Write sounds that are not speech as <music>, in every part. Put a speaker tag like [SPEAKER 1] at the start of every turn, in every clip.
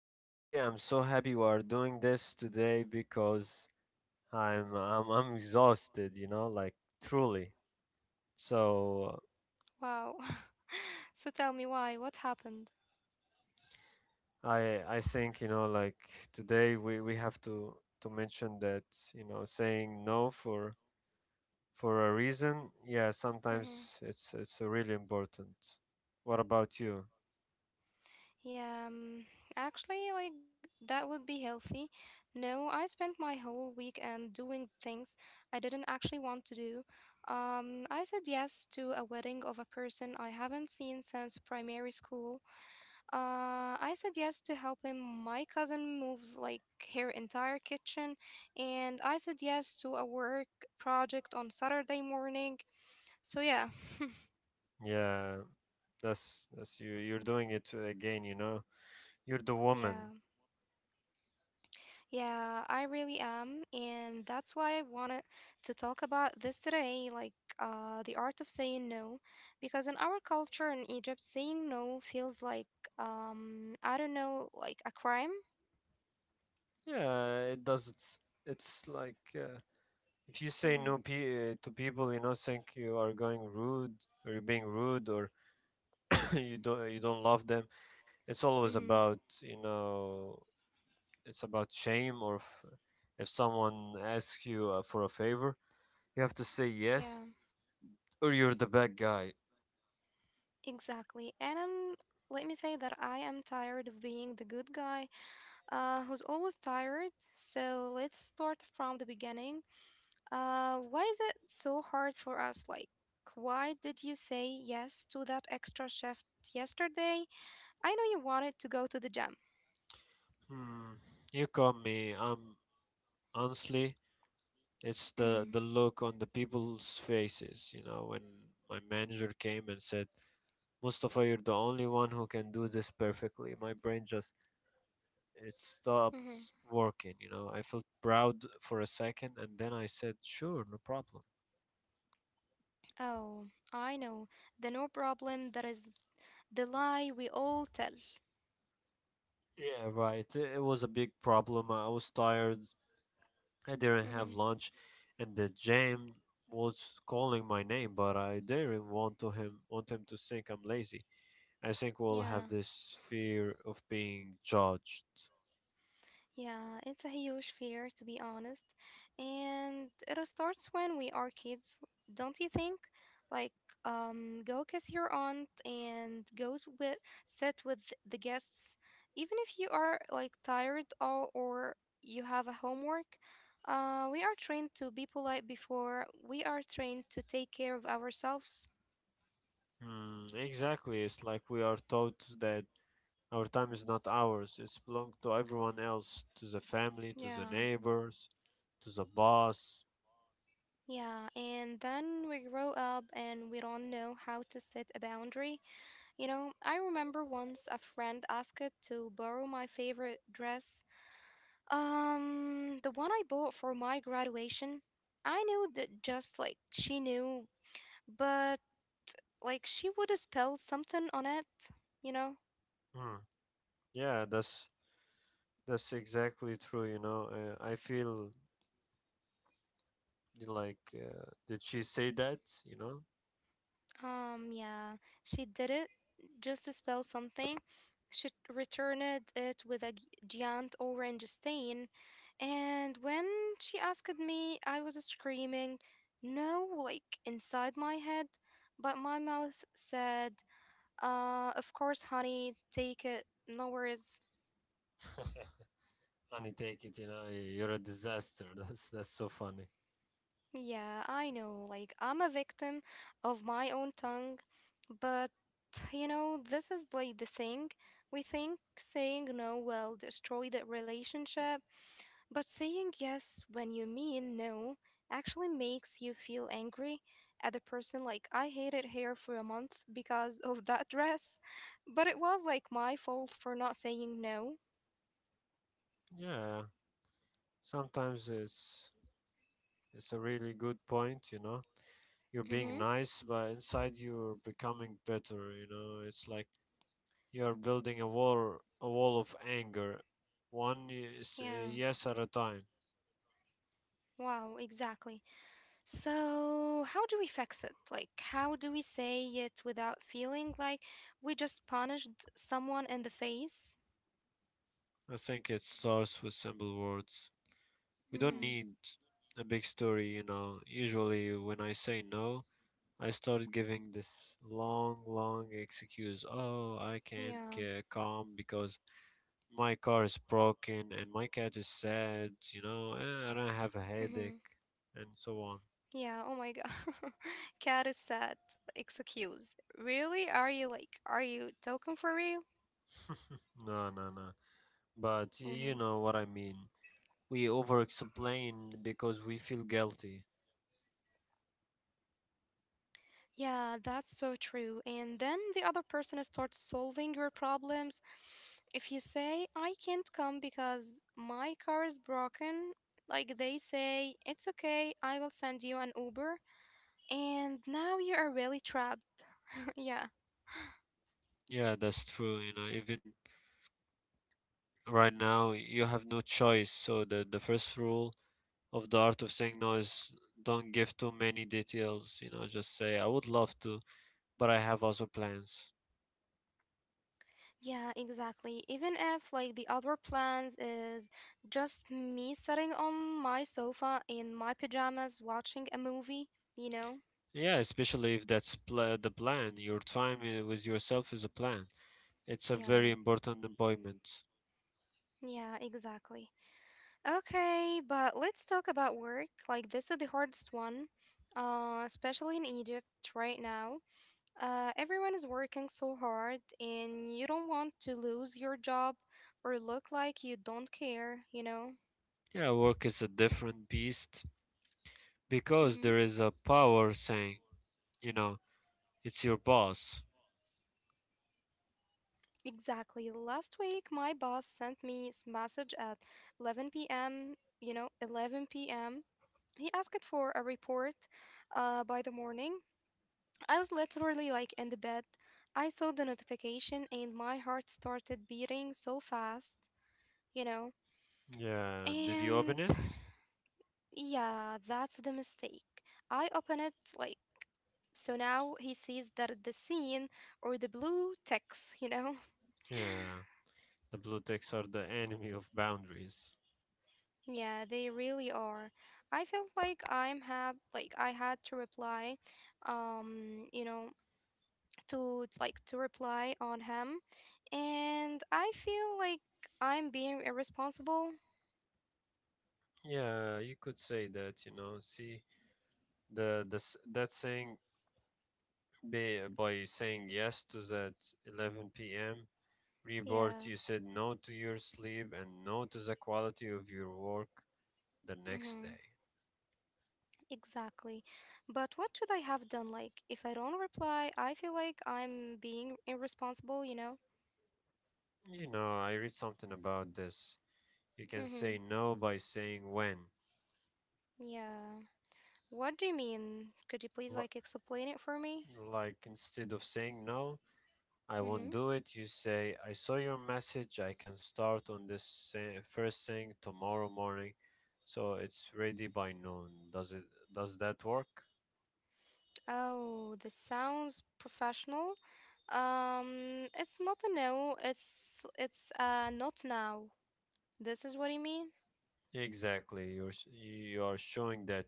[SPEAKER 1] Honestly, I'm so happy we are doing this today because I'm exhausted, you know, like truly. So
[SPEAKER 2] Wow. <laughs> So tell me why? What happened?
[SPEAKER 1] I I think, you know, like today we have to mention that, you know, saying no for for a reason, yeah,
[SPEAKER 2] hmm
[SPEAKER 1] sometimes it's really important. What about you?
[SPEAKER 2] Yeah, actually, like that would be healthy. No, I spent my whole weekend doing things I didn't actually want to do. I said yes to a wedding of a person I haven't seen since primary school. I said yes to helping my cousin move like her entire kitchen, and I said yes to a work project on Saturday morning. So
[SPEAKER 1] Yeah, that's that's. You're doing it again, you know. You're the woman.
[SPEAKER 2] yeah, yeah, I really am, and that's why I wanted to talk about this today, the art of saying no, because in our culture in Egypt, saying no feels like I don't know, like a crime.
[SPEAKER 1] Yeah, it does. It's like if you say
[SPEAKER 2] Mm-hmm.
[SPEAKER 1] no to people, you know, think you are going rude or you're being rude or <laughs> you don't love them. It's always
[SPEAKER 2] Mm-hmm.
[SPEAKER 1] about, you know, it's about shame or if someone asks you for a favor, you have to say yes
[SPEAKER 2] Yeah,
[SPEAKER 1] or you're the bad guy.
[SPEAKER 2] exactly. Let me say that I am tired of being the good guy, who's always tired. So let's start from the beginning. Why is it so hard for us? Like, why did you say yes to that extra shift yesterday? I know you wanted to go to the gym.
[SPEAKER 1] Hmm. You call me. I'm honestly, it's
[SPEAKER 2] Mm-hmm,
[SPEAKER 1] the look on the people's faces. You know when my manager came and said, Mustafa, you're the only one who can do this perfectly. My brain just, it
[SPEAKER 2] mm-hmm.
[SPEAKER 1] stopped working, you know. I felt proud for a second and then I said, sure, no problem.
[SPEAKER 2] Oh, I know. The no problem that is the lie we all tell.
[SPEAKER 1] Yeah, right. It was a big problem. I was tired. I didn't
[SPEAKER 2] Mm-hmm.
[SPEAKER 1] have lunch and the gym was calling my name, but I didn't want to him to think I'm lazy. I think we'll
[SPEAKER 2] Yeah.
[SPEAKER 1] have this fear of being judged.
[SPEAKER 2] Yeah, it's a huge fear, to be honest. And it all starts when we are kids, don't you think? Like, go kiss your aunt and sit with the guests, even if you are like tired or you have a homework. We are trained to be polite before we are trained to take care of ourselves.
[SPEAKER 1] Hmm, exactly. It's like we are taught that our time is not ours. It's belong to everyone else, to the family, to the
[SPEAKER 2] Yeah.
[SPEAKER 1] neighbors, to the boss.
[SPEAKER 2] Yeah, and then we grow up and we don't know how to set a boundary. You know, I remember once a friend asked to borrow my favorite dress, the one I bought for my graduation. I knew that just like she knew, but like she would have spelled something on it, you know?
[SPEAKER 1] Mm. Yeah, that's exactly true. You know, I feel like did she say that? You know,
[SPEAKER 2] Yeah, she did it just to spell something. She returned it with a giant orange stain, and when she asked me, I was screaming, no, like inside my head, but my mouth said, of course, honey, take it, no worries.
[SPEAKER 1] <laughs> honey, take it. You know, you're a disaster. <laughs> That's so funny.
[SPEAKER 2] Yeah, I know. Like, I'm a victim of my own tongue, but you know, this is like the thing. We think saying no will destroy the relationship, but saying yes when you mean no actually makes you feel angry at the person. Like, I hated hair for a month because of that dress, but it was like my fault for not saying no.
[SPEAKER 1] Yeah, sometimes it's a really good point. You know, you're being
[SPEAKER 2] Mm-hmm.
[SPEAKER 1] nice, but inside you're becoming bitter. You know, it's like you're building a wall of anger, one yes,
[SPEAKER 2] Yeah.
[SPEAKER 1] yes at a time.
[SPEAKER 2] Wow, exactly. So, how do we fix it? Like, how do we say it without feeling like we just punished someone in the face?
[SPEAKER 1] I think it starts with simple words. We don't
[SPEAKER 2] Mm-hmm.
[SPEAKER 1] need a big story, you know. Usually, when I say no, I start giving this long, long excuse. Oh, I can't
[SPEAKER 2] Yeah.
[SPEAKER 1] get calm because my car is broken and my cat is sad, you know, and I have a
[SPEAKER 2] Mm-hmm.
[SPEAKER 1] headache, and so on.
[SPEAKER 2] Yeah. Oh my God. <laughs> Cat is sad. Excuse. Really? Are you like, are you talking for real?
[SPEAKER 1] <laughs> No, no, no. But you
[SPEAKER 2] Mm-hmm.
[SPEAKER 1] know what I mean. We over explain because we feel guilty.
[SPEAKER 2] Yeah, that's so true. And then the other person starts solving your problems. If you say, I can't come because my car is broken, like they say, it's okay, I will send you an Uber. And now you are really trapped. <laughs> yeah,
[SPEAKER 1] Yeah, that's true. You know, even right now, you have no choice. So the first rule of the art of saying no is, don't give too many details. You know, just say, I would love to, but I have other plans.
[SPEAKER 2] yeah, exactly. Even if, like, the other plans is just me sitting on my sofa in my pajamas watching a movie, you know?
[SPEAKER 1] Yeah, especially if that's pla the plan. Your time with yourself is a plan. It's a very
[SPEAKER 2] Yeah,
[SPEAKER 1] important appointment.
[SPEAKER 2] yeah, exactly. Okay, but let's talk about work. Like, this is the hardest one, especially in Egypt right now. Everyone is working so hard, and you don't want to lose your job or look like you don't care, you know?
[SPEAKER 1] Yeah, work is a different beast because
[SPEAKER 2] Mm-hmm.
[SPEAKER 1] there is a power saying, you know, it's your boss.
[SPEAKER 2] Exactly. Last week, my boss sent me this message at 11 p.m., you know, 11 p.m. He asked for a report by the morning. I was literally like in the bed. I saw the notification and my heart started beating so fast, you know.
[SPEAKER 1] Yeah, did you
[SPEAKER 2] And
[SPEAKER 1] open it?
[SPEAKER 2] yeah, that's the mistake. I open it like so now he sees that the scene or the blue text, you know. <laughs>
[SPEAKER 1] Yeah, the blue ticks are the enemy of boundaries.
[SPEAKER 2] Yeah, they really are. I felt like I'm have like I had to reply um you know to reply on him, and I feel like I'm being irresponsible.
[SPEAKER 1] Yeah, you could say that, you know. See, the s- that saying, by saying yes to that 11 p.m.
[SPEAKER 2] Yeah,
[SPEAKER 1] report, you said no to your sleep and no to the quality of your work the
[SPEAKER 2] mm-hmm,
[SPEAKER 1] next day.
[SPEAKER 2] exactly. But what should I have done? Like, if I don't reply, I feel like I'm being irresponsible. You know?
[SPEAKER 1] You know, I read something about this. You can say
[SPEAKER 2] Mm-hmm.
[SPEAKER 1] no by saying when.
[SPEAKER 2] Yeah. What do you mean? Could you please
[SPEAKER 1] L-
[SPEAKER 2] like explain it for me?
[SPEAKER 1] like instead of saying no, I won't
[SPEAKER 2] Mm-hmm.
[SPEAKER 1] do it. You say, I saw your message. I can start on this first thing tomorrow morning. So it's ready by noon. Does that work?
[SPEAKER 2] Oh, this sounds professional. It's not a no. It's not now. This is what you mean?
[SPEAKER 1] Exactly. You are showing that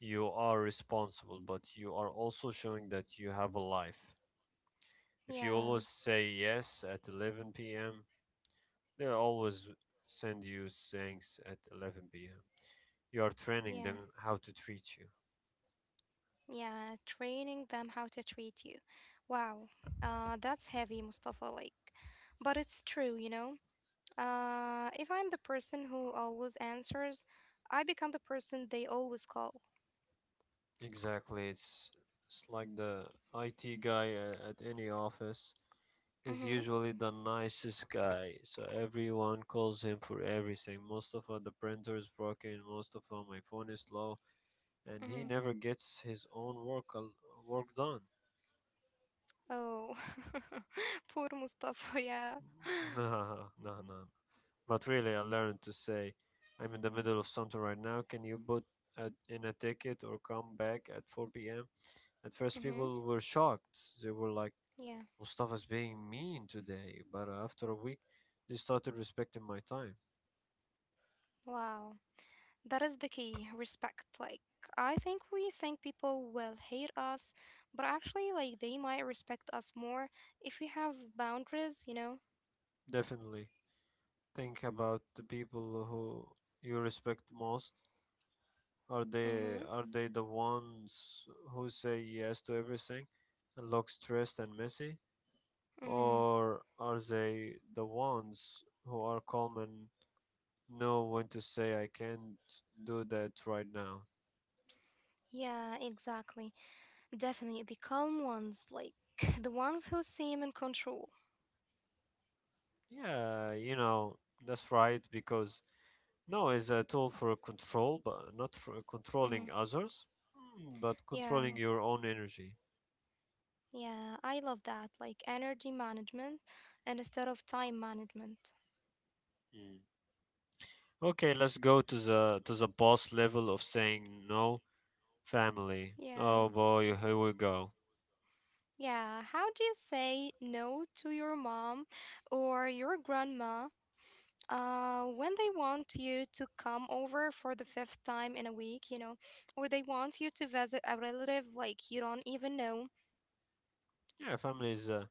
[SPEAKER 1] you are responsible, but you are also showing that you have a life. If you
[SPEAKER 2] Yeah.
[SPEAKER 1] always say yes at 11 p.m., they'll always send you things at 11 p.m. You are
[SPEAKER 2] Yeah,
[SPEAKER 1] training them how to treat you.
[SPEAKER 2] yeah, training them how to treat you. Wow, that's heavy, Mustafa. Like, but it's true, you know. If I'm the person who always answers, I become the person they always call.
[SPEAKER 1] Exactly. It's like the IT guy at any office is
[SPEAKER 2] Mm-hmm.
[SPEAKER 1] usually the nicest guy, so everyone calls him for everything. Most of all, the printer is broken, most of all my phone is slow, and he
[SPEAKER 2] Mm-hmm.
[SPEAKER 1] never gets his own work done. <laughs>
[SPEAKER 2] Oh, <laughs> poor Mustafa. Yeah.
[SPEAKER 1] Nah, nah, nah. But really, I learned to say, I'm in the middle of something right now. Can you put in a ticket or come back at 4 p.m.? At first,
[SPEAKER 2] Mm-hmm.
[SPEAKER 1] people were shocked. They were like,
[SPEAKER 2] Yeah.
[SPEAKER 1] Mustafa's being mean today, but after a week, they started respecting my time.
[SPEAKER 2] Wow, that is the key. Respect. Like, I think we think people will hate us, but actually, like, they might respect us more if we have boundaries. You know.
[SPEAKER 1] Definitely. Think about the people who you respect most. Are
[SPEAKER 2] Mm-hmm.
[SPEAKER 1] they are they the ones who say yes to everything and look stressed and messy?
[SPEAKER 2] Mm-hmm.
[SPEAKER 1] Or are they the ones who are calm and know when to say, I can't do that right now?
[SPEAKER 2] Yeah, exactly. Definitely the calm ones, like <laughs> the ones who seem in control.
[SPEAKER 1] Yeah, you know, that's right because no, it's a tool for control, but not for
[SPEAKER 2] Mm-hmm.
[SPEAKER 1] controlling others, but
[SPEAKER 2] Yeah,
[SPEAKER 1] controlling your own energy.
[SPEAKER 2] yeah, I love that. Like energy management and instead of time management.
[SPEAKER 1] Mm. Okay, let's go to the boss level of saying no. Family.
[SPEAKER 2] Yeah,
[SPEAKER 1] Oh boy, here we go.
[SPEAKER 2] yeah. How do you say no to your mom or your grandma when they want you to come over for the fifth time in a week, you know, or they want you to visit a relative like you don't even know.
[SPEAKER 1] Yeah, family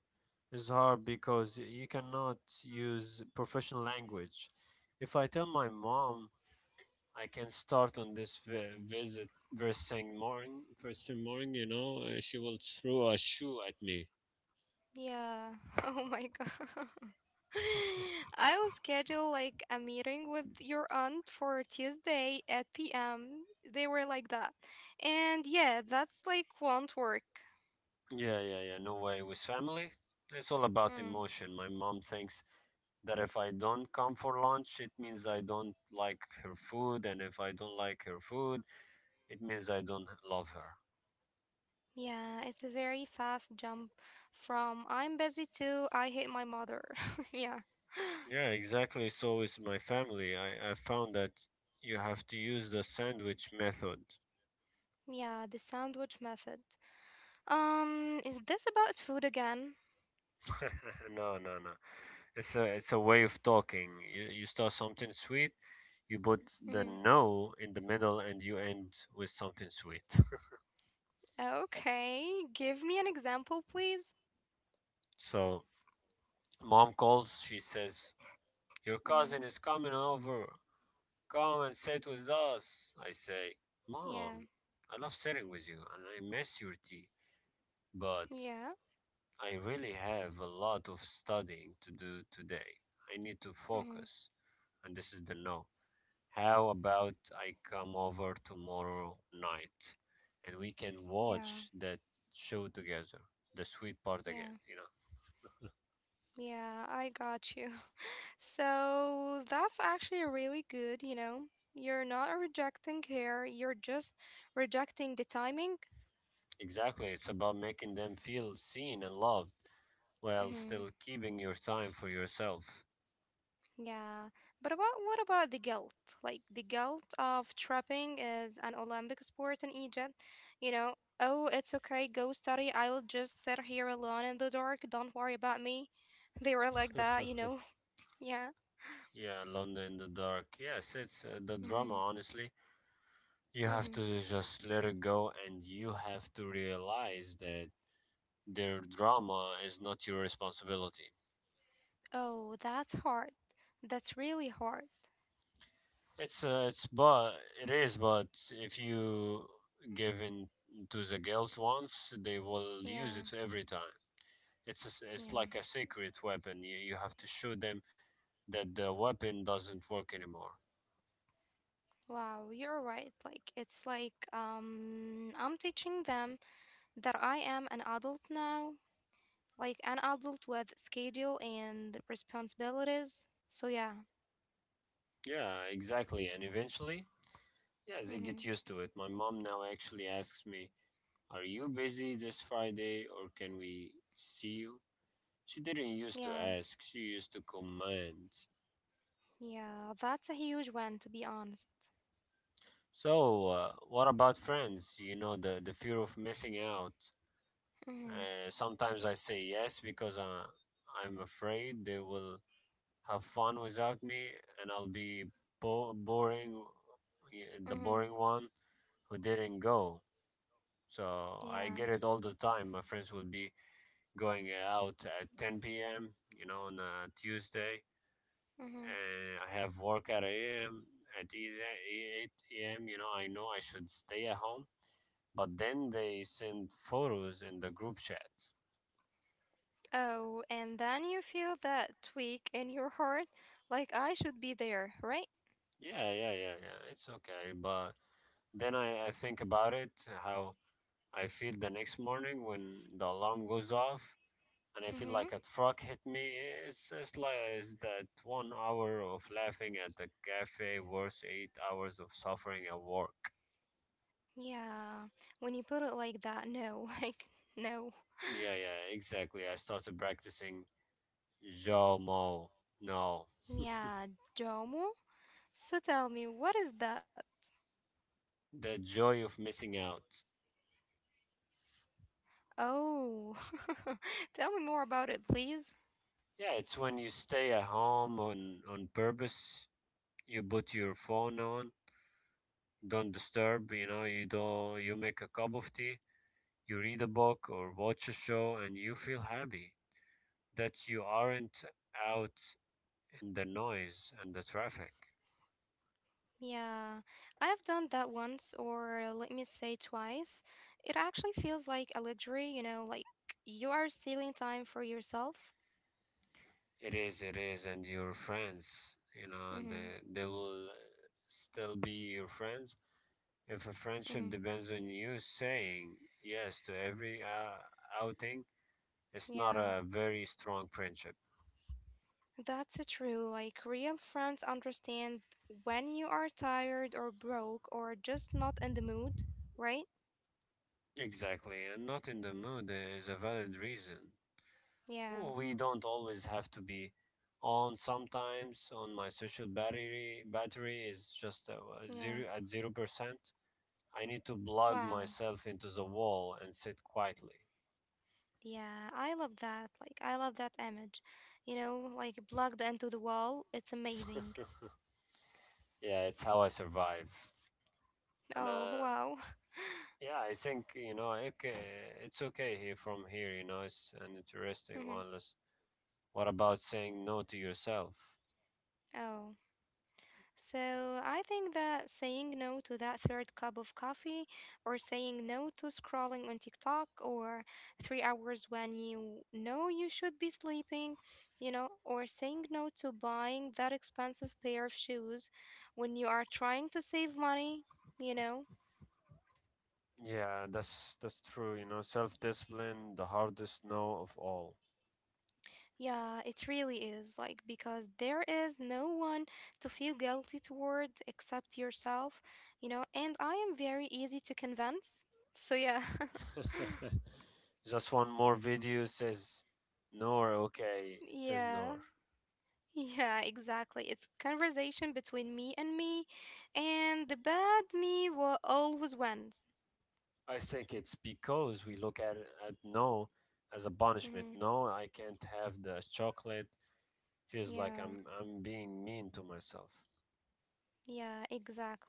[SPEAKER 1] is hard because you cannot use professional language. If I tell my mom I can start on this visit first thing morning, you know, she will throw a shoe at me.
[SPEAKER 2] Yeah. <laughs> Oh my God. <laughs> I'll
[SPEAKER 1] <laughs>
[SPEAKER 2] schedule like a meeting with your aunt for Tuesday at p.m. They were like that. And yeah, that's like won't work.
[SPEAKER 1] Yeah, yeah, yeah. No way. With family, it's all about
[SPEAKER 2] Mm.
[SPEAKER 1] emotion. My mom thinks that if I don't come for lunch, it means I don't like her food. And if I don't like her food, it means I don't love her.
[SPEAKER 2] Yeah, it's a very fast jump from I'm busy to I hate my mother. <laughs> yeah.
[SPEAKER 1] Yeah, exactly. So is my family. I found that you have to use the sandwich method.
[SPEAKER 2] Yeah, the sandwich method. Is this about food again?
[SPEAKER 1] <laughs> No, no, no. It's a way of talking. You start something sweet, you put the
[SPEAKER 2] hmm
[SPEAKER 1] no in the middle, and you end with something sweet. <laughs>
[SPEAKER 2] Okay, give me an example, please.
[SPEAKER 1] So mom calls. She says, "Your
[SPEAKER 2] hmm
[SPEAKER 1] cousin is coming over. Come and sit with us." I say,
[SPEAKER 2] Yeah,
[SPEAKER 1] "Mom, I love sitting with you, and I miss your tea, but
[SPEAKER 2] yeah,
[SPEAKER 1] I really have a lot of studying to do today. I need to
[SPEAKER 2] hmm
[SPEAKER 1] focus." And this is the no. How about I come over tomorrow night and we can
[SPEAKER 2] yeah,
[SPEAKER 1] watch that show together? The sweet part again,
[SPEAKER 2] yeah,
[SPEAKER 1] you know?
[SPEAKER 2] yeah, I got you. So that's actually really good, you know. You're not rejecting care, you're just rejecting the timing.
[SPEAKER 1] Exactly. It's about making them feel seen and loved while
[SPEAKER 2] hmm
[SPEAKER 1] still keeping your time for yourself. <laughs>
[SPEAKER 2] Yeah. But about what about the guilt? Like the guilt of trapping is an Olympic sport in Egypt. You know, oh, it's okay, go study. I'll just sit here alone in the dark. Don't worry about me. <laughs> They were like that, you know. <laughs> Yeah.
[SPEAKER 1] Yeah, London in the dark. Yes, it's the
[SPEAKER 2] Mm-hmm.
[SPEAKER 1] drama, honestly. You
[SPEAKER 2] Mm-hmm.
[SPEAKER 1] have to just let it go and you have to realize that their drama is not your responsibility.
[SPEAKER 2] Oh, that's hard. That's really hard.
[SPEAKER 1] It's uh, it's but it is, but if you give in to the guilt once, they will use
[SPEAKER 2] Yeah.
[SPEAKER 1] it every time. It's
[SPEAKER 2] Yeah.
[SPEAKER 1] like a secret weapon. You have to show them that the weapon doesn't work anymore.
[SPEAKER 2] Wow, you're right. Like it's like I'm teaching them that I am an adult now, like an adult with schedule and responsibilities. So yeah.
[SPEAKER 1] Yeah, exactly. And eventually, yeah, they
[SPEAKER 2] Mm-hmm.
[SPEAKER 1] get used to it. My mom now actually asks me, "Are you busy this Friday, or can we see you?" She didn't used to
[SPEAKER 2] Yeah.
[SPEAKER 1] ask. She used to command.
[SPEAKER 2] Yeah, that's a huge one to be honest.
[SPEAKER 1] So, what about friends? You know, the fear of missing out.
[SPEAKER 2] Mhm.
[SPEAKER 1] Sometimes I say yes because I'm afraid they will have fun without me and I'll be boring,
[SPEAKER 2] Mhm.
[SPEAKER 1] the boring one who didn't go. So, I
[SPEAKER 2] Yeah.
[SPEAKER 1] get it all the time. My friends will be going out at 10 p.m., you know, on a Tuesday.
[SPEAKER 2] Mhm.
[SPEAKER 1] I have work at a.m. at 8 a.m. You know I should stay at home, but then they send photos in the group chat.
[SPEAKER 2] Oh, and then you feel that tweak in your heart like I should be there, right?
[SPEAKER 1] Yeah, yeah, yeah, yeah. It's okay, but then I think about it, how I feel the next morning when the alarm goes off and I feel
[SPEAKER 2] Mm-hmm.
[SPEAKER 1] like a truck hit me. It's just like, it's that 1 hour of laughing at the cafe worth 8 hours of suffering at work.
[SPEAKER 2] Yeah. When you put it like that, no, <laughs> like, no.
[SPEAKER 1] Yeah, yeah, exactly. I started practicing Jomo. No.
[SPEAKER 2] Yeah, domo? So tell me, what is that?
[SPEAKER 1] The joy of missing out.
[SPEAKER 2] Oh, <laughs> tell me more about it, please.
[SPEAKER 1] Yeah, it's when you stay at home on purpose. You put your phone on don't disturb, you know, you make a cup of tea, you read a book or watch a show and you feel happy that you aren't out in the noise and the traffic.
[SPEAKER 2] Yeah, I've done that once, or let me say twice. It actually feels like a luxury, you know, like you are stealing time for yourself.
[SPEAKER 1] It is, and your friends, you know,
[SPEAKER 2] Mm-hmm.
[SPEAKER 1] they will still be your friends. If a
[SPEAKER 2] Mm-hmm.
[SPEAKER 1] friendship depends on you saying yes to every outing, it's not
[SPEAKER 2] Yeah.
[SPEAKER 1] a very strong friendship.
[SPEAKER 2] That's true. Like, real friends understand when you are tired or broke or just not in the mood, right?
[SPEAKER 1] Exactly, and not in the mood is a valid reason.
[SPEAKER 2] Yeah.
[SPEAKER 1] Well, we don't always have to be on. Sometimes on my social battery is just a
[SPEAKER 2] Yeah.
[SPEAKER 1] zero at 0%. I need to plug
[SPEAKER 2] Wow.
[SPEAKER 1] myself into the wall and sit quietly.
[SPEAKER 2] Yeah, I love that. Like, I love that image. You know, like plugged into the wall. It's amazing.
[SPEAKER 1] <laughs> Yeah, it's how I survive. And
[SPEAKER 2] Oh, wow. <laughs>
[SPEAKER 1] yeah, I think you know, okay, it's okay here from here. You know, it's an interesting
[SPEAKER 2] Mhm.
[SPEAKER 1] one. What about saying no to yourself?
[SPEAKER 2] Oh. So I think that saying no to that third cup of coffee or saying no to scrolling on TikTok or 3 hours when you know you should be sleeping, you know, or saying no to buying that expensive pair of shoes when you are trying to save money, you know.
[SPEAKER 1] Yeah, that's true. You know, self-discipline, the hardest no of all.
[SPEAKER 2] Yeah, it really is. Like, because there is no one to feel guilty toward except yourself, you know, and I am very easy to convince. So, yeah. <laughs>
[SPEAKER 1] <laughs> Just one more video says no, or okay says no.
[SPEAKER 2] Yeah. Yeah, exactly. It's conversation between me and me, and the bad me will always wins.
[SPEAKER 1] I think it's because we look at no as a punishment.
[SPEAKER 2] hmm
[SPEAKER 1] No, I can't have the chocolate. Feels like I'm
[SPEAKER 2] Yeah,
[SPEAKER 1] I'm being mean to myself.
[SPEAKER 2] yeah, exactly.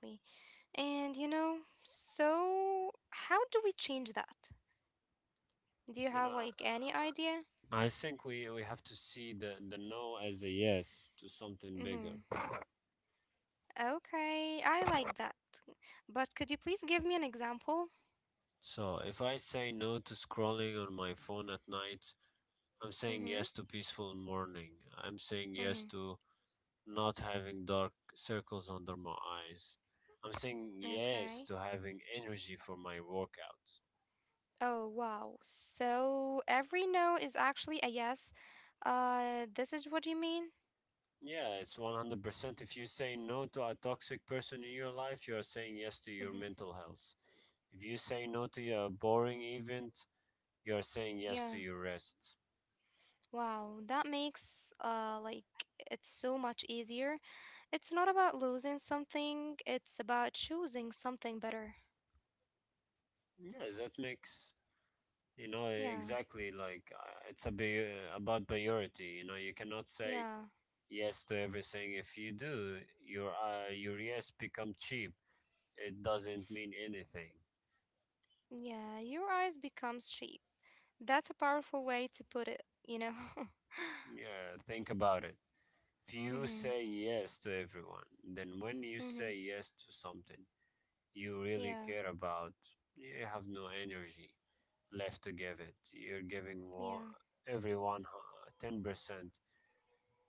[SPEAKER 2] And you know, so how do we change that? Do you
[SPEAKER 1] You know,
[SPEAKER 2] have like any idea?
[SPEAKER 1] I think we have to see the no as a yes to something bigger.
[SPEAKER 2] Mm-hmm. Okay, I like that. But could you please give me an example?
[SPEAKER 1] So if I say no to scrolling on my phone at night, I'm saying
[SPEAKER 2] Mm-hmm.
[SPEAKER 1] yes to peaceful morning. I'm saying yes
[SPEAKER 2] Mm-hmm.
[SPEAKER 1] to not having dark circles under my eyes. I'm saying
[SPEAKER 2] Okay.
[SPEAKER 1] yes to having energy for my workouts.
[SPEAKER 2] Oh, wow. So every no is actually a yes. This is what you mean?
[SPEAKER 1] Yeah, it's 100%. If you say no to a toxic person in your life, you are saying yes to
[SPEAKER 2] Mm-hmm,
[SPEAKER 1] your mental health. If you say no to a boring event, you're saying yes
[SPEAKER 2] Yeah.
[SPEAKER 1] to your rest.
[SPEAKER 2] Wow. That makes like it's so much easier. It's not about losing something, it's about choosing something better.
[SPEAKER 1] Yeah, that makes you know
[SPEAKER 2] Yeah.
[SPEAKER 1] exactly like it's a about priority. You know, you cannot say
[SPEAKER 2] Yeah.
[SPEAKER 1] yes to everything. If you do, your yes become cheap. It doesn't mean anything.
[SPEAKER 2] Yeah. Your eyes become sheep. That's a powerful way to put it, you know.
[SPEAKER 1] Yeah, think about it. If
[SPEAKER 2] <laughs>
[SPEAKER 1] you
[SPEAKER 2] mhm.
[SPEAKER 1] say yes to everyone, then when you
[SPEAKER 2] Mhm.
[SPEAKER 1] say yes to something you really
[SPEAKER 2] Yeah.
[SPEAKER 1] care about, you have no energy left to give it. You're giving one,
[SPEAKER 2] Yeah.
[SPEAKER 1] everyone 10%.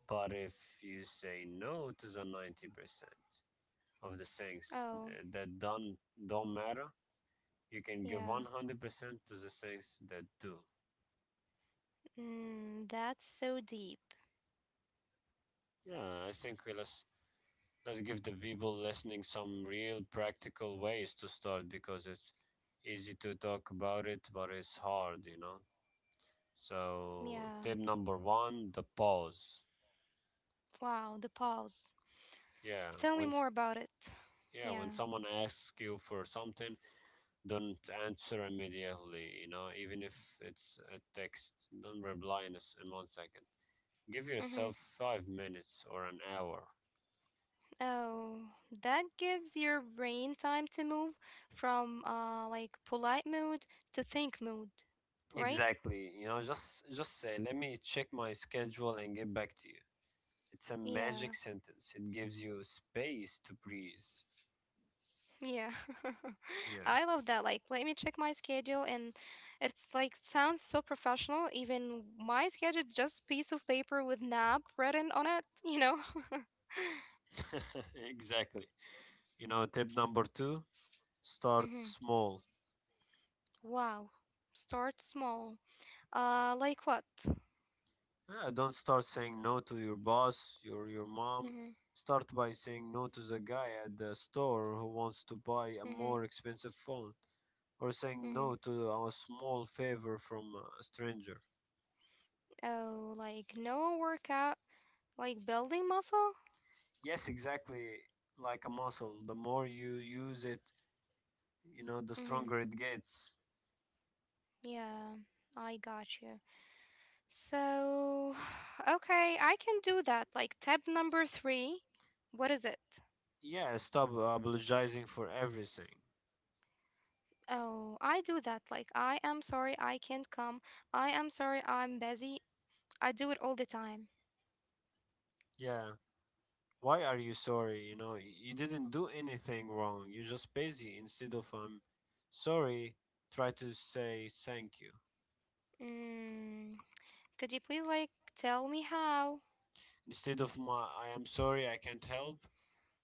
[SPEAKER 1] But if you say no to the 90% of the things
[SPEAKER 2] Oh.
[SPEAKER 1] that don't matter, you can give
[SPEAKER 2] Yeah.
[SPEAKER 1] 100% to the things that do.
[SPEAKER 2] Mm, that's so deep.
[SPEAKER 1] Yeah, I think let's give the people listening some real practical ways to start because it's easy to talk about it, but it's hard, you know? So,
[SPEAKER 2] Yeah.
[SPEAKER 1] tip number one, the pause.
[SPEAKER 2] Wow, the pause.
[SPEAKER 1] Yeah,
[SPEAKER 2] Tell me
[SPEAKER 1] when,
[SPEAKER 2] more
[SPEAKER 1] s-
[SPEAKER 2] about it.
[SPEAKER 1] yeah, when
[SPEAKER 2] Yeah.
[SPEAKER 1] someone asks you for something, don't answer immediately, you know, even if it's a text. Don't reply in, a s in 1 second. Give yourself
[SPEAKER 2] Mhm.
[SPEAKER 1] 5 minutes or an hour.
[SPEAKER 2] Oh, that gives your brain time to move from like polite mood to think mood, right?
[SPEAKER 1] Exactly. You know, just say, "Let me check my schedule and get back to you." It's a magic
[SPEAKER 2] Yeah.
[SPEAKER 1] sentence. It gives you space to breathe.
[SPEAKER 2] Yeah. <laughs>
[SPEAKER 1] Yeah.
[SPEAKER 2] I love that. Like, let me check my schedule and it's like sounds so professional. Even my schedule is just piece of paper with nap written on it, you know? <laughs>
[SPEAKER 1] <laughs> Exactly. You know, tip number 2, start
[SPEAKER 2] Mm-hmm.
[SPEAKER 1] small.
[SPEAKER 2] Wow. Start small. Like what?
[SPEAKER 1] Yeah, don't start saying no to your boss, your mom.
[SPEAKER 2] Mm-hmm.
[SPEAKER 1] Start by saying no to the guy at the store who wants to buy a
[SPEAKER 2] Mm-hmm.
[SPEAKER 1] more expensive phone, or saying
[SPEAKER 2] Mm-hmm.
[SPEAKER 1] no to a small favor from a stranger.
[SPEAKER 2] Oh, like no workout, like building muscle?
[SPEAKER 1] Yes, exactly. Like a muscle, the more you use it, you know, the
[SPEAKER 2] Mm-hmm.
[SPEAKER 1] stronger it gets.
[SPEAKER 2] Yeah, I got you. So, <sighs> okay, I can do that. Like tab number three, what is it?
[SPEAKER 1] Yeah, stop apologizing for everything.
[SPEAKER 2] Oh, I do that. Like, I am sorry I can't come. I am sorry I'm busy. I do it all the time.
[SPEAKER 1] Yeah. Why are you sorry? You know, you didn't do anything wrong. You're just busy. Instead of I'm sorry, try to say thank you.
[SPEAKER 2] Mm, could you please, like, tell me how?
[SPEAKER 1] Instead of my I am sorry I can't help,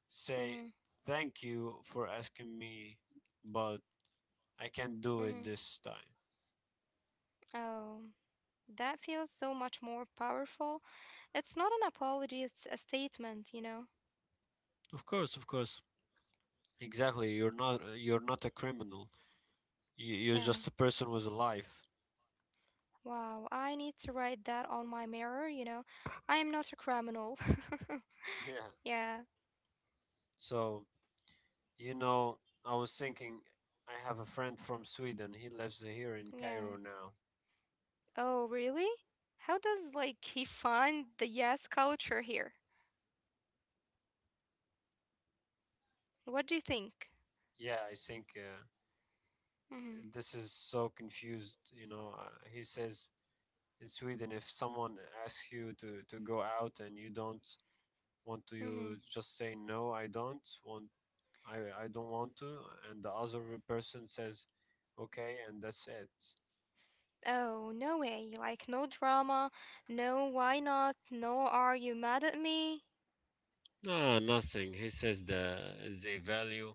[SPEAKER 1] say
[SPEAKER 2] Mm-hmm.
[SPEAKER 1] thank you for asking me, but I can't do
[SPEAKER 2] Mm-hmm.
[SPEAKER 1] it this time.
[SPEAKER 2] Oh, that feels so much more powerful. It's not an apology, it's a statement, you know?
[SPEAKER 1] Of course, of course. Exactly. You're not a criminal. You're
[SPEAKER 2] Yeah.
[SPEAKER 1] just a person with a life. <laughs>
[SPEAKER 2] Wow, I need to write that on my mirror. I am not a criminal. <laughs>
[SPEAKER 1] Yeah.
[SPEAKER 2] Yeah,
[SPEAKER 1] So, you know, I was thinking I have a friend from Sweden. He lives here in
[SPEAKER 2] yeah.
[SPEAKER 1] Cairo now.
[SPEAKER 2] Oh, really? How does like he find the yes culture here? What do you think?
[SPEAKER 1] Yeah, I think
[SPEAKER 2] Mhm.
[SPEAKER 1] this is so confused. He says in Sweden, if someone asks you to go out and you don't want to, you
[SPEAKER 2] Mhm.
[SPEAKER 1] just say no, I don't want, I don't want to, and the other person says, okay, and that's it.
[SPEAKER 2] Oh, no way. Like no drama, no why not, no are you mad at me?
[SPEAKER 1] No, nothing. He says they value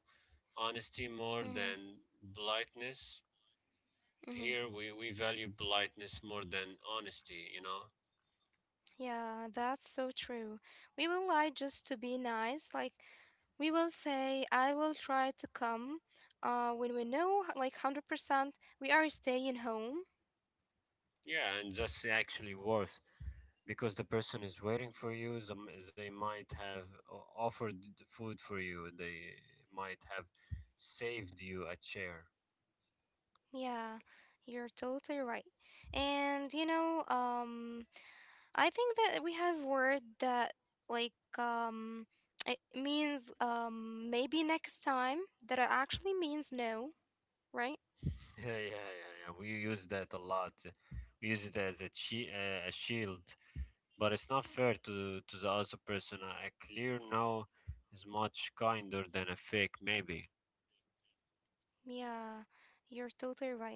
[SPEAKER 1] honesty more
[SPEAKER 2] Mhm.
[SPEAKER 1] than politeness.
[SPEAKER 2] Mhm.
[SPEAKER 1] Here we value politeness more than honesty, you know.
[SPEAKER 2] Yeah, that's so true. We will lie just to be nice, like we will say, I will try to come when we know, like 100%, we are staying home.
[SPEAKER 1] Yeah, and that's actually worse because the person is waiting for you. They might have offered the food for you. They might have saved you a chair.
[SPEAKER 2] Yeah, you're totally right. And, I think that we have word that, like, it means maybe next time, that it actually means no, right?
[SPEAKER 1] <laughs> Yeah, yeah, yeah, yeah. We use that a lot. We use it as a a shield, but it's not fair to the other person. A clear no is much kinder than a fake maybe.
[SPEAKER 2] Yeah, you're totally right.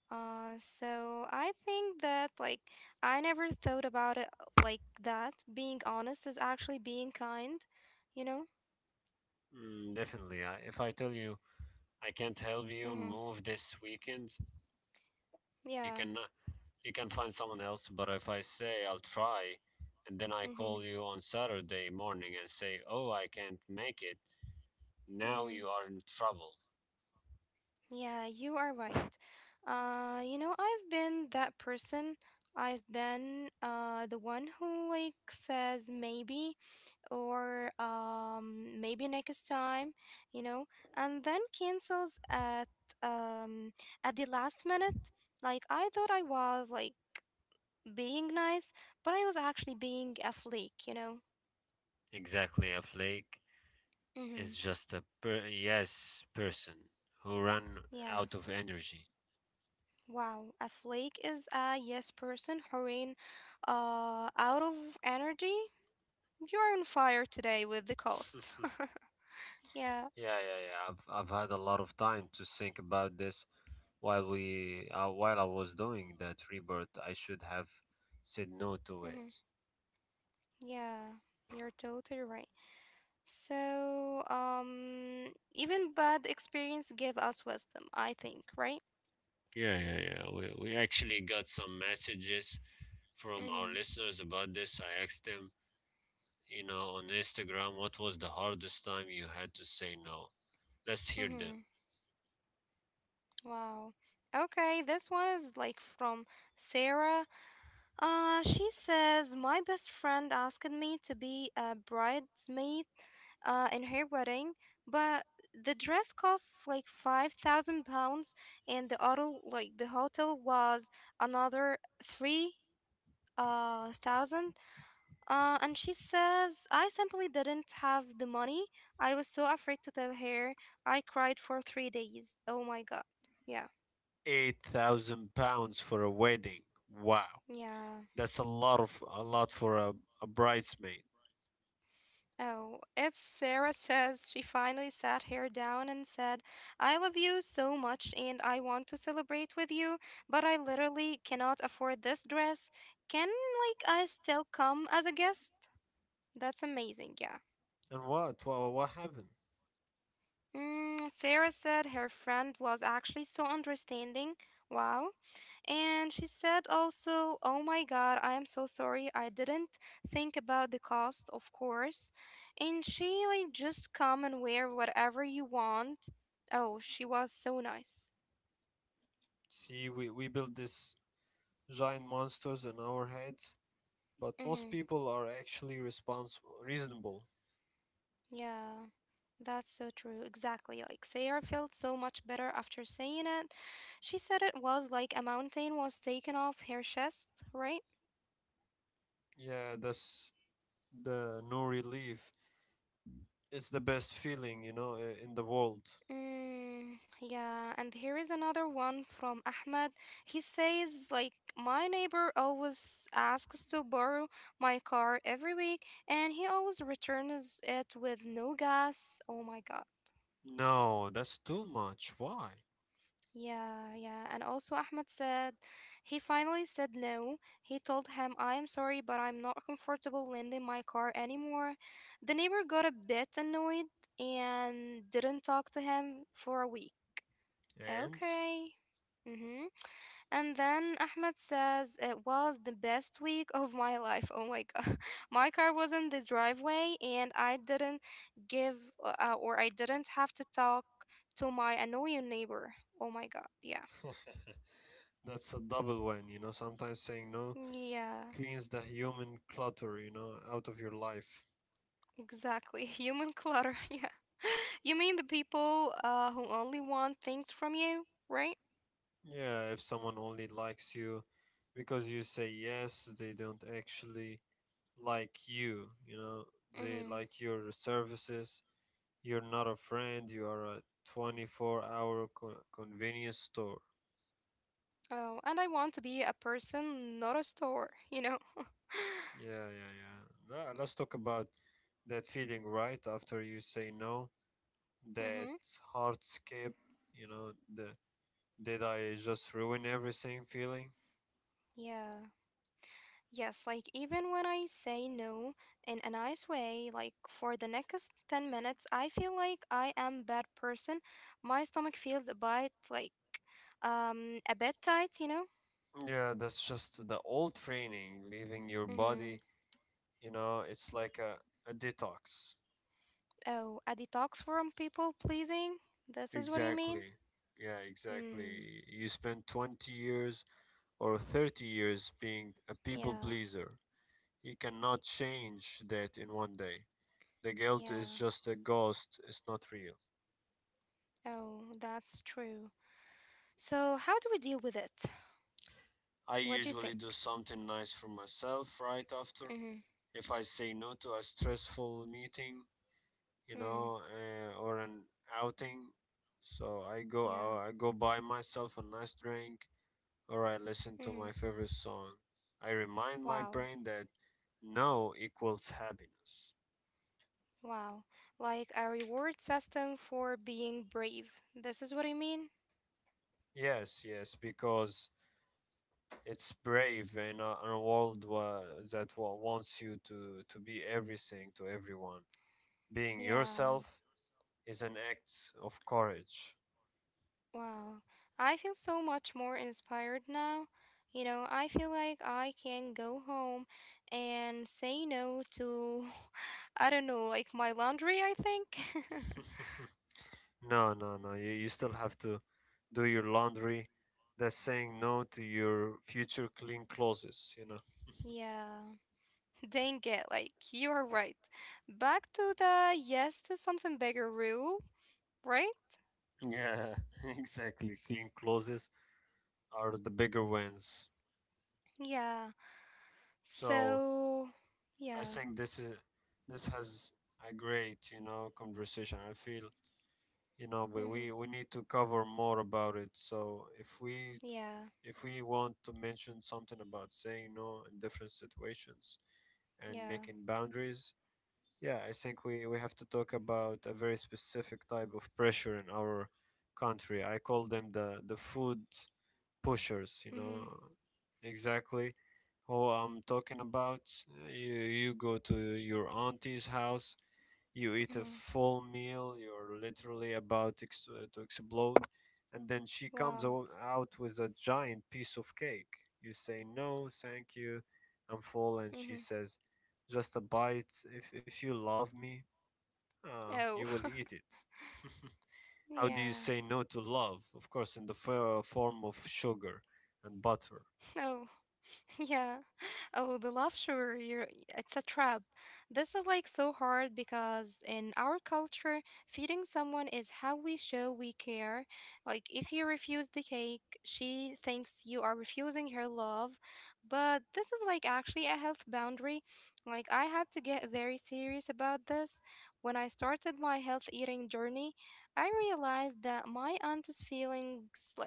[SPEAKER 2] So I think that like I never thought about it like that. Being honest is actually being kind, you know?
[SPEAKER 1] Mm, definitely. If I tell you I can't help
[SPEAKER 2] Mm-hmm.
[SPEAKER 1] you move this weekend, you
[SPEAKER 2] Yeah.
[SPEAKER 1] can uh, you can find someone else. But if I say I'll try and then I
[SPEAKER 2] Mm-hmm.
[SPEAKER 1] call you on Saturday morning and say, oh, I can't make it, now
[SPEAKER 2] Mm-hmm.
[SPEAKER 1] you are in trouble.
[SPEAKER 2] Yeah, you are right. I've been that person. I've been the one who like says maybe or maybe next time, you know, and then cancels um, at the last minute. Like I thought I was like being nice, but I was actually being a flake.
[SPEAKER 1] Exactly, a flake
[SPEAKER 2] Mm-hmm.
[SPEAKER 1] is just a yes person who ran
[SPEAKER 2] Yeah.
[SPEAKER 1] out of energy.
[SPEAKER 2] Wow. A flake is a yes person hurrying out of energy. You're on fire today with the cults.
[SPEAKER 1] <laughs>
[SPEAKER 2] <laughs> yeah.
[SPEAKER 1] Yeah. I've had a lot of time to think about this while we while I was doing that rebirth. I should have said no to
[SPEAKER 2] Mm-hmm.
[SPEAKER 1] it.
[SPEAKER 2] Yeah. You're totally right. So, even bad experience give us wisdom, I think, right?
[SPEAKER 1] Yeah, yeah, yeah. We actually got some messages from
[SPEAKER 2] Mm-hmm.
[SPEAKER 1] our listeners about this. I asked them, you know, on Instagram, what was the hardest time you had to say no? Let's hear
[SPEAKER 2] Mm-hmm.
[SPEAKER 1] them.
[SPEAKER 2] Wow. Okay, this one is like from Sarah. She says, My best friend asked me to be a bridesmaid in her wedding, but the dress costs like 5,000 pounds, and the hotel, like the hotel was another three thousand. And she says, I simply didn't have the money. I was so afraid to tell her. I cried for 3 days. Oh my god. Yeah.
[SPEAKER 1] 8,000 pounds for a wedding. Wow.
[SPEAKER 2] Yeah.
[SPEAKER 1] That's a lot of a lot for a bridesmaid.
[SPEAKER 2] Oh, it's Sarah says she finally sat her down and said, I love you so much and I want to celebrate with you, but I literally cannot afford this dress. Can, like, I still come as a guest? That's amazing, yeah.
[SPEAKER 1] And what? What happened?
[SPEAKER 2] Mm, Sarah said her friend was actually so understanding. Wow. And she said also, Oh my God, I am so sorry. I didn't think about the cost, of course. And she, like, just come and wear whatever you want. Oh, she was so nice.
[SPEAKER 1] See, we build these giant monsters in our heads, but most
[SPEAKER 2] Mm-hmm.
[SPEAKER 1] people are actually responsible reasonable.
[SPEAKER 2] Yeah, that's so true. Exactly. Like, Sarah felt so much better after saying it. She said it was like a mountain was taken off her chest, right?
[SPEAKER 1] Yeah, that's the no relief. It's the best feeling, you know, in the world.
[SPEAKER 2] Mm, yeah, and here is another one from Ahmed. He says, like, my neighbor always asks to borrow my car every week, and he always returns it with no gas. Oh my God.
[SPEAKER 1] No, that's too much. Why?
[SPEAKER 2] Yeah, yeah. And also, Ahmed said he finally said no. He told him, I am sorry, but I'm not comfortable lending my car anymore. The neighbor got a bit annoyed and didn't talk to him for a week.
[SPEAKER 1] And
[SPEAKER 2] Okay. Mm-hmm. And then Ahmed says it was the best week of my life. Oh my God. <laughs> My car was in the driveway and I didn't give or I didn't have to talk to my annoying neighbor. Oh my God. Yeah.
[SPEAKER 1] <laughs> that's a double win, you know. Sometimes saying no
[SPEAKER 2] Yeah.
[SPEAKER 1] cleans the human clutter, you know, out of your life.
[SPEAKER 2] Exactly. <laughs> Human clutter. <laughs> Yeah. You mean the people who only want things from you, right?
[SPEAKER 1] Yeah, if someone only likes you because you say yes, they don't actually like you know. They
[SPEAKER 2] Mm-hmm.
[SPEAKER 1] like your services. You're not a friend, you are a 24 hour convenience store.
[SPEAKER 2] Oh, and I want to be a person, not a store, you know?
[SPEAKER 1] Yeah, yeah, yeah. Let's talk about that feeling right after you say no, that
[SPEAKER 2] Mm-hmm.
[SPEAKER 1] heart skip, you know, the did I just ruin everything feeling?
[SPEAKER 2] Yeah. Yes, like even when I say no in a nice way, like for the next 10 minutes, I feel like I am bad person. My stomach feels a bit tight, you know?
[SPEAKER 1] Yeah, that's just the old training leaving your
[SPEAKER 2] Mm-hmm.
[SPEAKER 1] body, you know, it's like a detox.
[SPEAKER 2] Oh, a detox from people pleasing? This is what you mean?
[SPEAKER 1] Exactly. Yeah,
[SPEAKER 2] Mm,
[SPEAKER 1] exactly. You spend 20 years or 30 years being a people
[SPEAKER 2] yeah,
[SPEAKER 1] pleaser. You cannot change that in 1 day. The guilt is
[SPEAKER 2] yeah.
[SPEAKER 1] just a ghost, it's not real.
[SPEAKER 2] Oh, that's true. So, how do we deal with it?
[SPEAKER 1] I
[SPEAKER 2] What do you think?
[SPEAKER 1] usually do something nice for myself right after.
[SPEAKER 2] Mm-hmm.
[SPEAKER 1] If I say no to a stressful meeting, you
[SPEAKER 2] Mm,
[SPEAKER 1] know, or an outing, so I go
[SPEAKER 2] yeah.
[SPEAKER 1] out, I go buy myself a nice drink or I listen to my
[SPEAKER 2] Mm-hmm.
[SPEAKER 1] favorite song. I remind my
[SPEAKER 2] Wow.
[SPEAKER 1] brain that no equals happiness.
[SPEAKER 2] Wow. Like a reward system for being brave. This is what I mean?
[SPEAKER 1] Yes, yes, because it's brave in in a world that wants you to be everything to everyone. Being
[SPEAKER 2] Yeah.
[SPEAKER 1] yourself is an act of courage.
[SPEAKER 2] Wow. I feel so much more inspired now. I feel like I can go home and say no to, <laughs> I don't know, like my laundry, I think. <laughs>
[SPEAKER 1] <laughs> No, no, no. You still have to do your laundry. That's saying no to your future clean clothes, you know.
[SPEAKER 2] Yeah. <laughs> Dang it. Like, you are right. Back to the yes to something bigger rule, right?
[SPEAKER 1] Yeah, <laughs> exactly. Clean clothes are the bigger wins.
[SPEAKER 2] Yeah.
[SPEAKER 1] So
[SPEAKER 2] So,
[SPEAKER 1] I
[SPEAKER 2] yeah.
[SPEAKER 1] think this has a great, you know, conversation. I feel you know
[SPEAKER 2] Hmm.
[SPEAKER 1] we need to cover more about it, so
[SPEAKER 2] Yeah.
[SPEAKER 1] if we want to mention something about saying no in different situations and
[SPEAKER 2] Yeah.
[SPEAKER 1] making boundaries, yeah, I think we have to talk about a very specific type of pressure in our country. I call them the food pushers, you
[SPEAKER 2] Mm-hmm.
[SPEAKER 1] know exactly who I'm talking about. Uh, you you go to your auntie's house, you eat a
[SPEAKER 2] Mm-hmm.
[SPEAKER 1] full meal, you're literally about to explode, and then she comes
[SPEAKER 2] Wow.
[SPEAKER 1] out with a giant piece of cake. You say, no, thank you, I'm full, and she
[SPEAKER 2] Mm-hmm.
[SPEAKER 1] says, just a bite. If you love me, you
[SPEAKER 2] Oh.
[SPEAKER 1] will eat it. <laughs>
[SPEAKER 2] <laughs>
[SPEAKER 1] How
[SPEAKER 2] yeah.
[SPEAKER 1] do you say no to love? Of course, in the form of sugar and butter.
[SPEAKER 2] Oh. <laughs> Yeah. Oh, the luxury, it's a trap. This is like so hard because in our culture, feeding someone is how we show we care. Like, if you refuse the cake, she thinks you are refusing her love. But this is like actually a health boundary. Like, I had to get very serious about this. When I started my health eating journey, I realized that my aunt's feelings, like,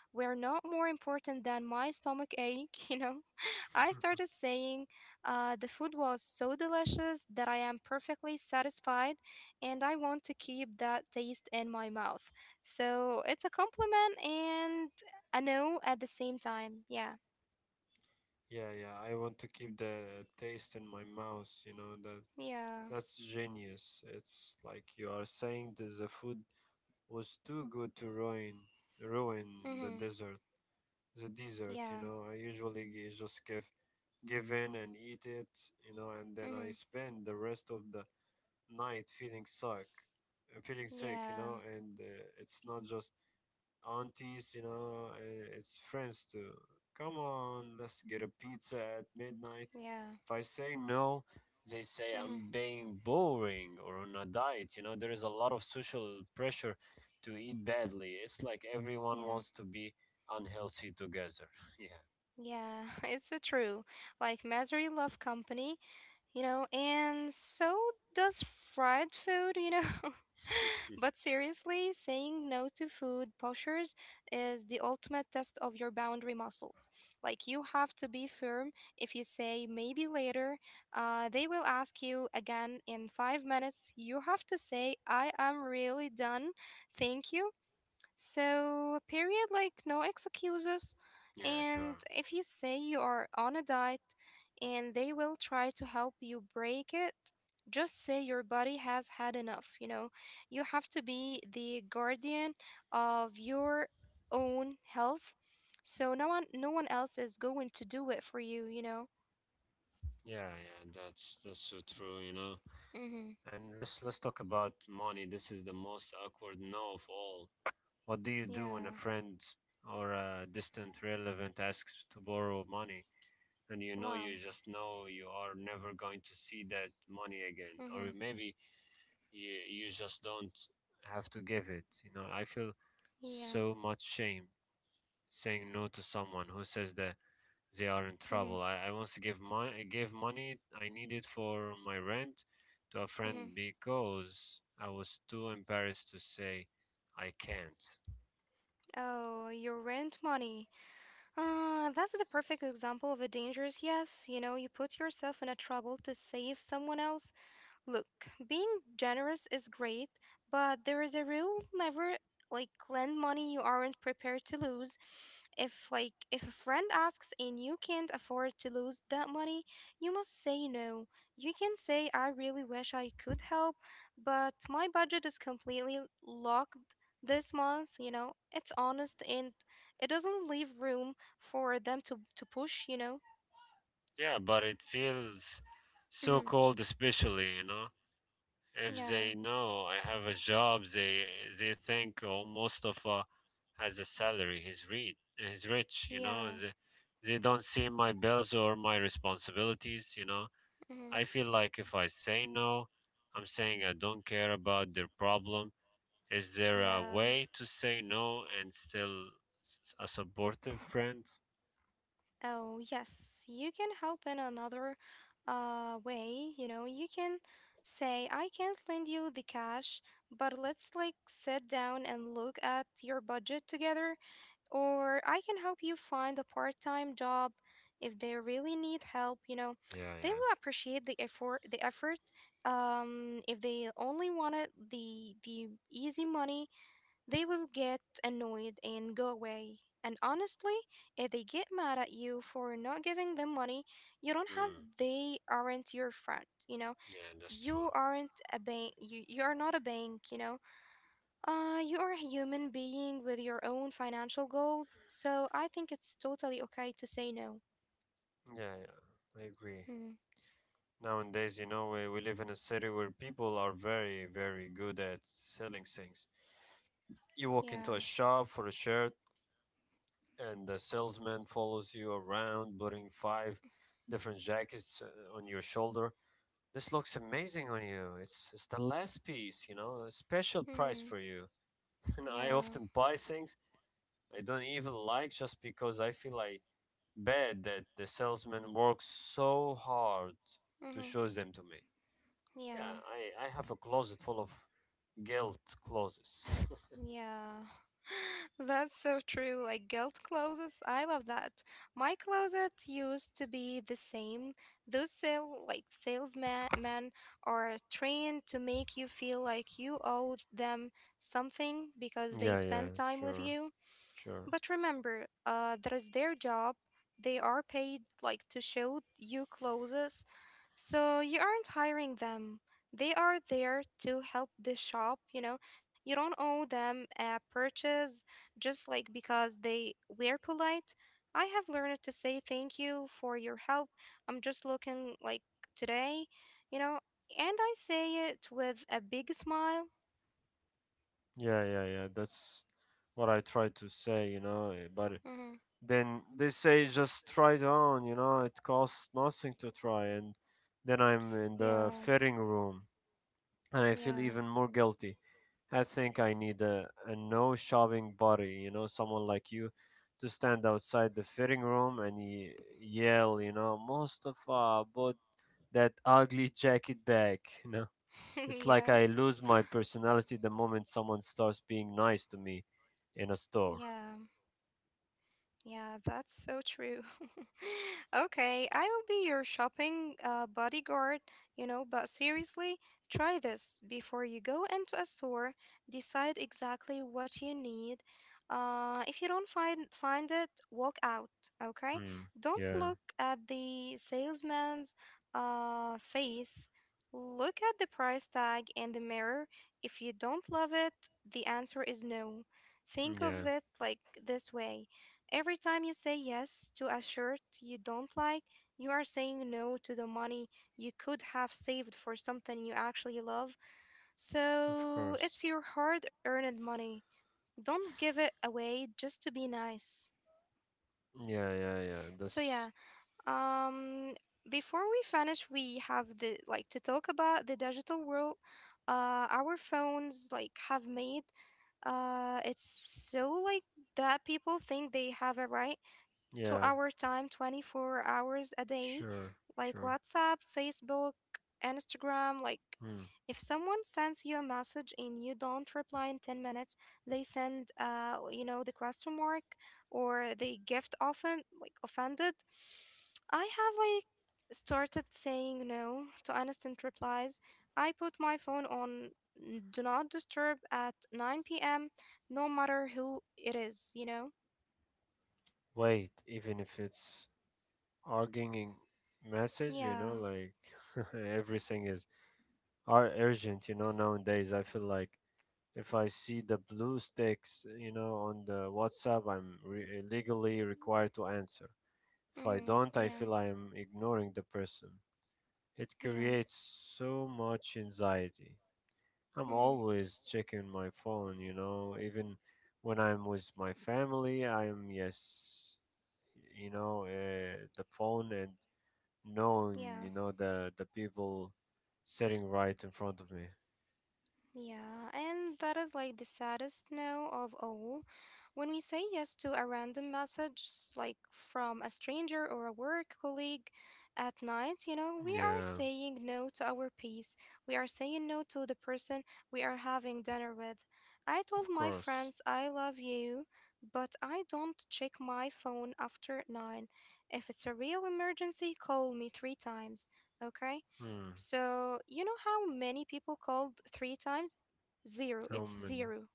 [SPEAKER 2] were not more important than my stomach ache, <laughs> you know? I started
[SPEAKER 1] <laughs>
[SPEAKER 2] saying the food was so delicious that I am perfectly satisfied and I want to keep that taste in my mouth. So it's a compliment and a no at the same time. Yeah.
[SPEAKER 1] Yeah, yeah. I want to keep the taste in my mouth, you know, the
[SPEAKER 2] Yeah.
[SPEAKER 1] that's genius. It's like you are saying that the food was too good to ruin
[SPEAKER 2] Mm-hmm.
[SPEAKER 1] the desert. The dessert, you
[SPEAKER 2] Yeah.
[SPEAKER 1] know. I usually gi- just give give in and eat it, you know, and then
[SPEAKER 2] Mm-hmm.
[SPEAKER 1] I spend the rest of the night feeling sick, you
[SPEAKER 2] Yeah.
[SPEAKER 1] know. And it's not just aunties, you know, it's friends too. Come on, let's get a pizza at midnight.
[SPEAKER 2] Yeah.
[SPEAKER 1] If I say no, they say
[SPEAKER 2] Mm-hmm.
[SPEAKER 1] I'm being boring or on a diet. You know, there is a lot of social pressure to eat badly. It's like everyone
[SPEAKER 2] Yeah.
[SPEAKER 1] wants to be unhealthy together. <laughs>
[SPEAKER 2] Yeah. <laughs> It's a true. Like misery love company, and so does fried food. <laughs>
[SPEAKER 1] Yeah. <laughs>
[SPEAKER 2] But seriously, saying no to food pushers is the ultimate test of your boundary muscles. Like, you have to be firm. If you say maybe later, they will ask you again in 5 minutes. You have to say, I am really done. Thank you. So, period, like no excuses.
[SPEAKER 1] Yeah,
[SPEAKER 2] And
[SPEAKER 1] sure.
[SPEAKER 2] if you say you are on a diet and they will try to help you break it, just say your body has had enough. You have to be the guardian of your own health. So no one else is going to do it for you, you know.
[SPEAKER 1] Yeah, yeah, that's so true, you know.
[SPEAKER 2] Mhm.
[SPEAKER 1] And let's talk about money. This is the most awkward no of all. What do you do
[SPEAKER 2] Yeah.
[SPEAKER 1] when a friend or a distant relative asks to borrow money and you know
[SPEAKER 2] Wow.
[SPEAKER 1] you just know you are never going to see that money again? Or
[SPEAKER 2] Mhm.
[SPEAKER 1] maybe you just don't have to give it. You know, I feel
[SPEAKER 2] Yeah.
[SPEAKER 1] so much shame saying no to someone who says that they are in
[SPEAKER 2] Mhm.
[SPEAKER 1] trouble. I once gave money I needed for my rent to a friend
[SPEAKER 2] Mhm.
[SPEAKER 1] because I was too embarrassed to say I can't.
[SPEAKER 2] Oh, your rent money. That's the perfect example of a dangerous yes. You put yourself in a trouble to save someone else. Look, being generous is great, but there is a rule never like lend money you aren't prepared to lose. If a friend asks and you can't afford to lose that money, you must say no. You can say I really wish I could help, but my budget is completely locked this month. It's honest and it doesn't leave room for them to push.
[SPEAKER 1] Yeah, but it feels so
[SPEAKER 2] Mhm.
[SPEAKER 1] cold, especially, you know. If
[SPEAKER 2] Yeah.
[SPEAKER 1] they know I have a job, they think, oh, Mustafa has a salary. He's rich, you
[SPEAKER 2] Yeah.
[SPEAKER 1] know. They don't see my bills or my responsibilities, you know.
[SPEAKER 2] Mhm.
[SPEAKER 1] I feel like if I say no, I'm saying I don't care about their problem. Is there a
[SPEAKER 2] Yeah.
[SPEAKER 1] way to say no and still a supportive friend?
[SPEAKER 2] Oh, yes, you can help in another way. You can say, I can't lend you the cash, but let's like sit down and look at your budget together. Or I can help you find a part time job if they really need help. You know,
[SPEAKER 1] Yeah,
[SPEAKER 2] they
[SPEAKER 1] yeah.
[SPEAKER 2] will appreciate the effort. The effort. If they only wanted the easy money, they will get annoyed and go away. And honestly, if they get mad at you for not giving them money, you don't have
[SPEAKER 1] Mm,
[SPEAKER 2] they aren't your friend, you know?
[SPEAKER 1] yeah, that's true.
[SPEAKER 2] You aren't a bank. You are not a bank, you know? You are a human being with your own financial goals. So I think it's totally okay to say no.
[SPEAKER 1] Yeah, yeah, I agree.
[SPEAKER 2] Hmm,
[SPEAKER 1] Nowadays, you know, we live in a city where people are very, very good at selling things. You walk into a
[SPEAKER 2] yeah.
[SPEAKER 1] shop for a shirt, and the salesman follows you around, putting five different jackets on your shoulder. This looks amazing on you. It's the last piece, you know, a special price for
[SPEAKER 2] Mhm.
[SPEAKER 1] you. <laughs> And I
[SPEAKER 2] Yeah.
[SPEAKER 1] often buy things I don't even like just because I feel like bad that the salesman works so hard to show
[SPEAKER 2] Mhm.
[SPEAKER 1] them to me. Yeah,
[SPEAKER 2] Yeah.
[SPEAKER 1] I have a closet full of guilt clauses. <laughs>
[SPEAKER 2] Yeah. <laughs> That's so true. Like guilt closets, I love that. My closet used to be the same. Those salesman men are trained to make you feel like you owe them something because they
[SPEAKER 1] Yeah,
[SPEAKER 2] spend
[SPEAKER 1] yeah,
[SPEAKER 2] time with
[SPEAKER 1] sure,
[SPEAKER 2] you.
[SPEAKER 1] sure.
[SPEAKER 2] But remember, that is their job. They are paid like to show you clothes, so you aren't hiring them. They are there to help the shop, you know. You don't owe them a purchase just like because they were polite. I have learned to say thank you for your help. I'm just looking like today, you know, and I say it with a big smile.
[SPEAKER 1] Yeah, yeah, yeah. That's what I try to say, you know. But
[SPEAKER 2] Hmm.
[SPEAKER 1] then they say just try it on, you know. It costs nothing to try, and then I'm in the
[SPEAKER 2] Yeah,
[SPEAKER 1] fitting room, and I feel
[SPEAKER 2] yeah.
[SPEAKER 1] even more guilty. I think I need a no shopping buddy, you know, someone like you to stand outside the fitting room and yell, you know, Mustafa, put that ugly jacket back, <laughs> you know. It's
[SPEAKER 2] <laughs>
[SPEAKER 1] like
[SPEAKER 2] yeah.
[SPEAKER 1] I lose my personality the moment someone starts being nice to me in a store.
[SPEAKER 2] Yeah. Yeah, that's so true. <laughs> Okay, I will be your shopping bodyguard, but seriously, try this before you go into a store. Decide exactly what you need. If you don't find it, walk out, okay?
[SPEAKER 1] Hmm.
[SPEAKER 2] Don't
[SPEAKER 1] Yeah.
[SPEAKER 2] look at the salesman's face. Look at the price tag in the mirror. If you don't love it, the answer is no.
[SPEAKER 1] Mm,
[SPEAKER 2] Think of
[SPEAKER 1] yeah.
[SPEAKER 2] it like this way. Every time you say yes to a shirt you don't like, you are saying no to the money you could have saved for something you actually love.
[SPEAKER 1] Of
[SPEAKER 2] So
[SPEAKER 1] course.
[SPEAKER 2] it's your hard earned money. Don't give it away just to be nice.
[SPEAKER 1] Yeah, yeah, yeah.
[SPEAKER 2] So
[SPEAKER 1] That's
[SPEAKER 2] yeah, um before we finish we have the like to talk about the digital world. Our phones like have made. It's so like that people think they have a right to
[SPEAKER 1] yeah.
[SPEAKER 2] our time 24 hours a day,
[SPEAKER 1] Sure.
[SPEAKER 2] like
[SPEAKER 1] Sure.
[SPEAKER 2] WhatsApp, Facebook, Instagram. Like,
[SPEAKER 1] Hmm.
[SPEAKER 2] if someone sends you a message and you don't reply in 10 minutes, they send, the question mark or they gift often, like, offended. I have, like, started saying no to instant replies. I put my phone on do not disturb at 9 p.m. no matter who it is, you know?
[SPEAKER 1] Wait, even if it's arguing message, you
[SPEAKER 2] Yeah.
[SPEAKER 1] know, like <laughs> everything is are urgent, you know. Nowadays I feel like if I see the blue sticks, you know, on the WhatsApp, I'm legally required to answer. If I
[SPEAKER 2] Mm-hmm.
[SPEAKER 1] don't, I
[SPEAKER 2] Yeah.
[SPEAKER 1] feel I am ignoring the person. It
[SPEAKER 2] Yeah.
[SPEAKER 1] creates so much anxiety. I'm
[SPEAKER 2] Mm-hmm.
[SPEAKER 1] always checking my phone, you know, even when I'm with my family. I'm yes, you know, the phone and knowing,
[SPEAKER 2] Yeah.
[SPEAKER 1] you know, the people sitting right in front of me.
[SPEAKER 2] Yeah. And that is like the saddest no of all. When we say yes to a random message, like from a stranger or a work colleague at night, we are
[SPEAKER 1] Yeah,
[SPEAKER 2] saying no to our peace. We are saying no to the person we are having dinner with. I told
[SPEAKER 1] of
[SPEAKER 2] my
[SPEAKER 1] course.
[SPEAKER 2] friends I love you, but I don't check my phone after 9. If it's a real emergency, call me three times. Okay?
[SPEAKER 1] Hmm.
[SPEAKER 2] So, you know how many people called three times? Zero.
[SPEAKER 1] How
[SPEAKER 2] It's
[SPEAKER 1] many?
[SPEAKER 2] zero,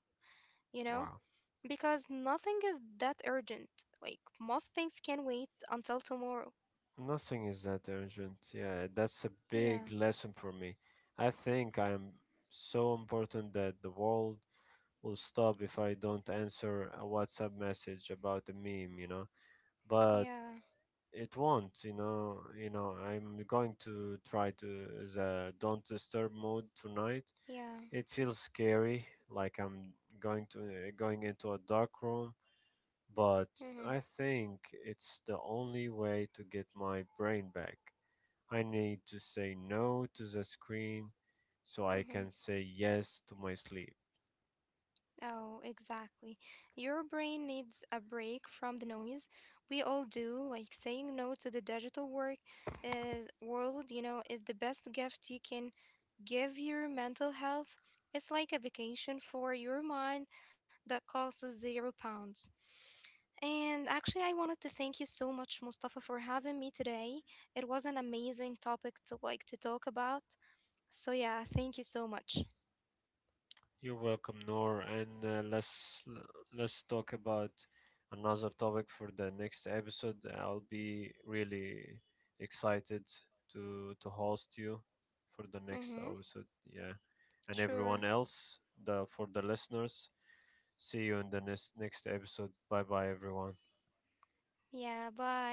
[SPEAKER 2] you know?
[SPEAKER 1] Wow.
[SPEAKER 2] Because nothing is that urgent. Like, most things can wait until tomorrow.
[SPEAKER 1] Nothing is that urgent. Yeah, that's a big
[SPEAKER 2] Yeah,
[SPEAKER 1] lesson for me. I think I'm so important that the world will stop if I don't answer a WhatsApp message about the meme, you know, but
[SPEAKER 2] yeah,
[SPEAKER 1] it won't, you know. You know, I'm going to try to the don't disturb mode tonight.
[SPEAKER 2] yeah.
[SPEAKER 1] It feels scary, like I'm going to going into a dark room, but
[SPEAKER 2] Mm-hmm,
[SPEAKER 1] I think it's the only way to get my brain back. I need to say no to the screen so I
[SPEAKER 2] mm-hmm.
[SPEAKER 1] can say yes to my sleep.
[SPEAKER 2] Oh, exactly. Your brain needs a break from the noise. We all do. Like saying no to the digital work is world, is the best gift you can give your mental health. It's like a vacation for your mind that costs 0 pounds. And actually, I wanted to thank you so much, Mustafa, for having me today. It was an amazing topic to like to talk about. So yeah, thank you so much.
[SPEAKER 1] You're welcome, Noor. And let's talk about another topic for the next episode. I'll be really excited to host you for the next
[SPEAKER 2] Mm-hmm.
[SPEAKER 1] episode. Yeah, and
[SPEAKER 2] Sure.
[SPEAKER 1] everyone else, the for the listeners. See you in the next episode. Bye bye, everyone.
[SPEAKER 2] Yeah. Bye.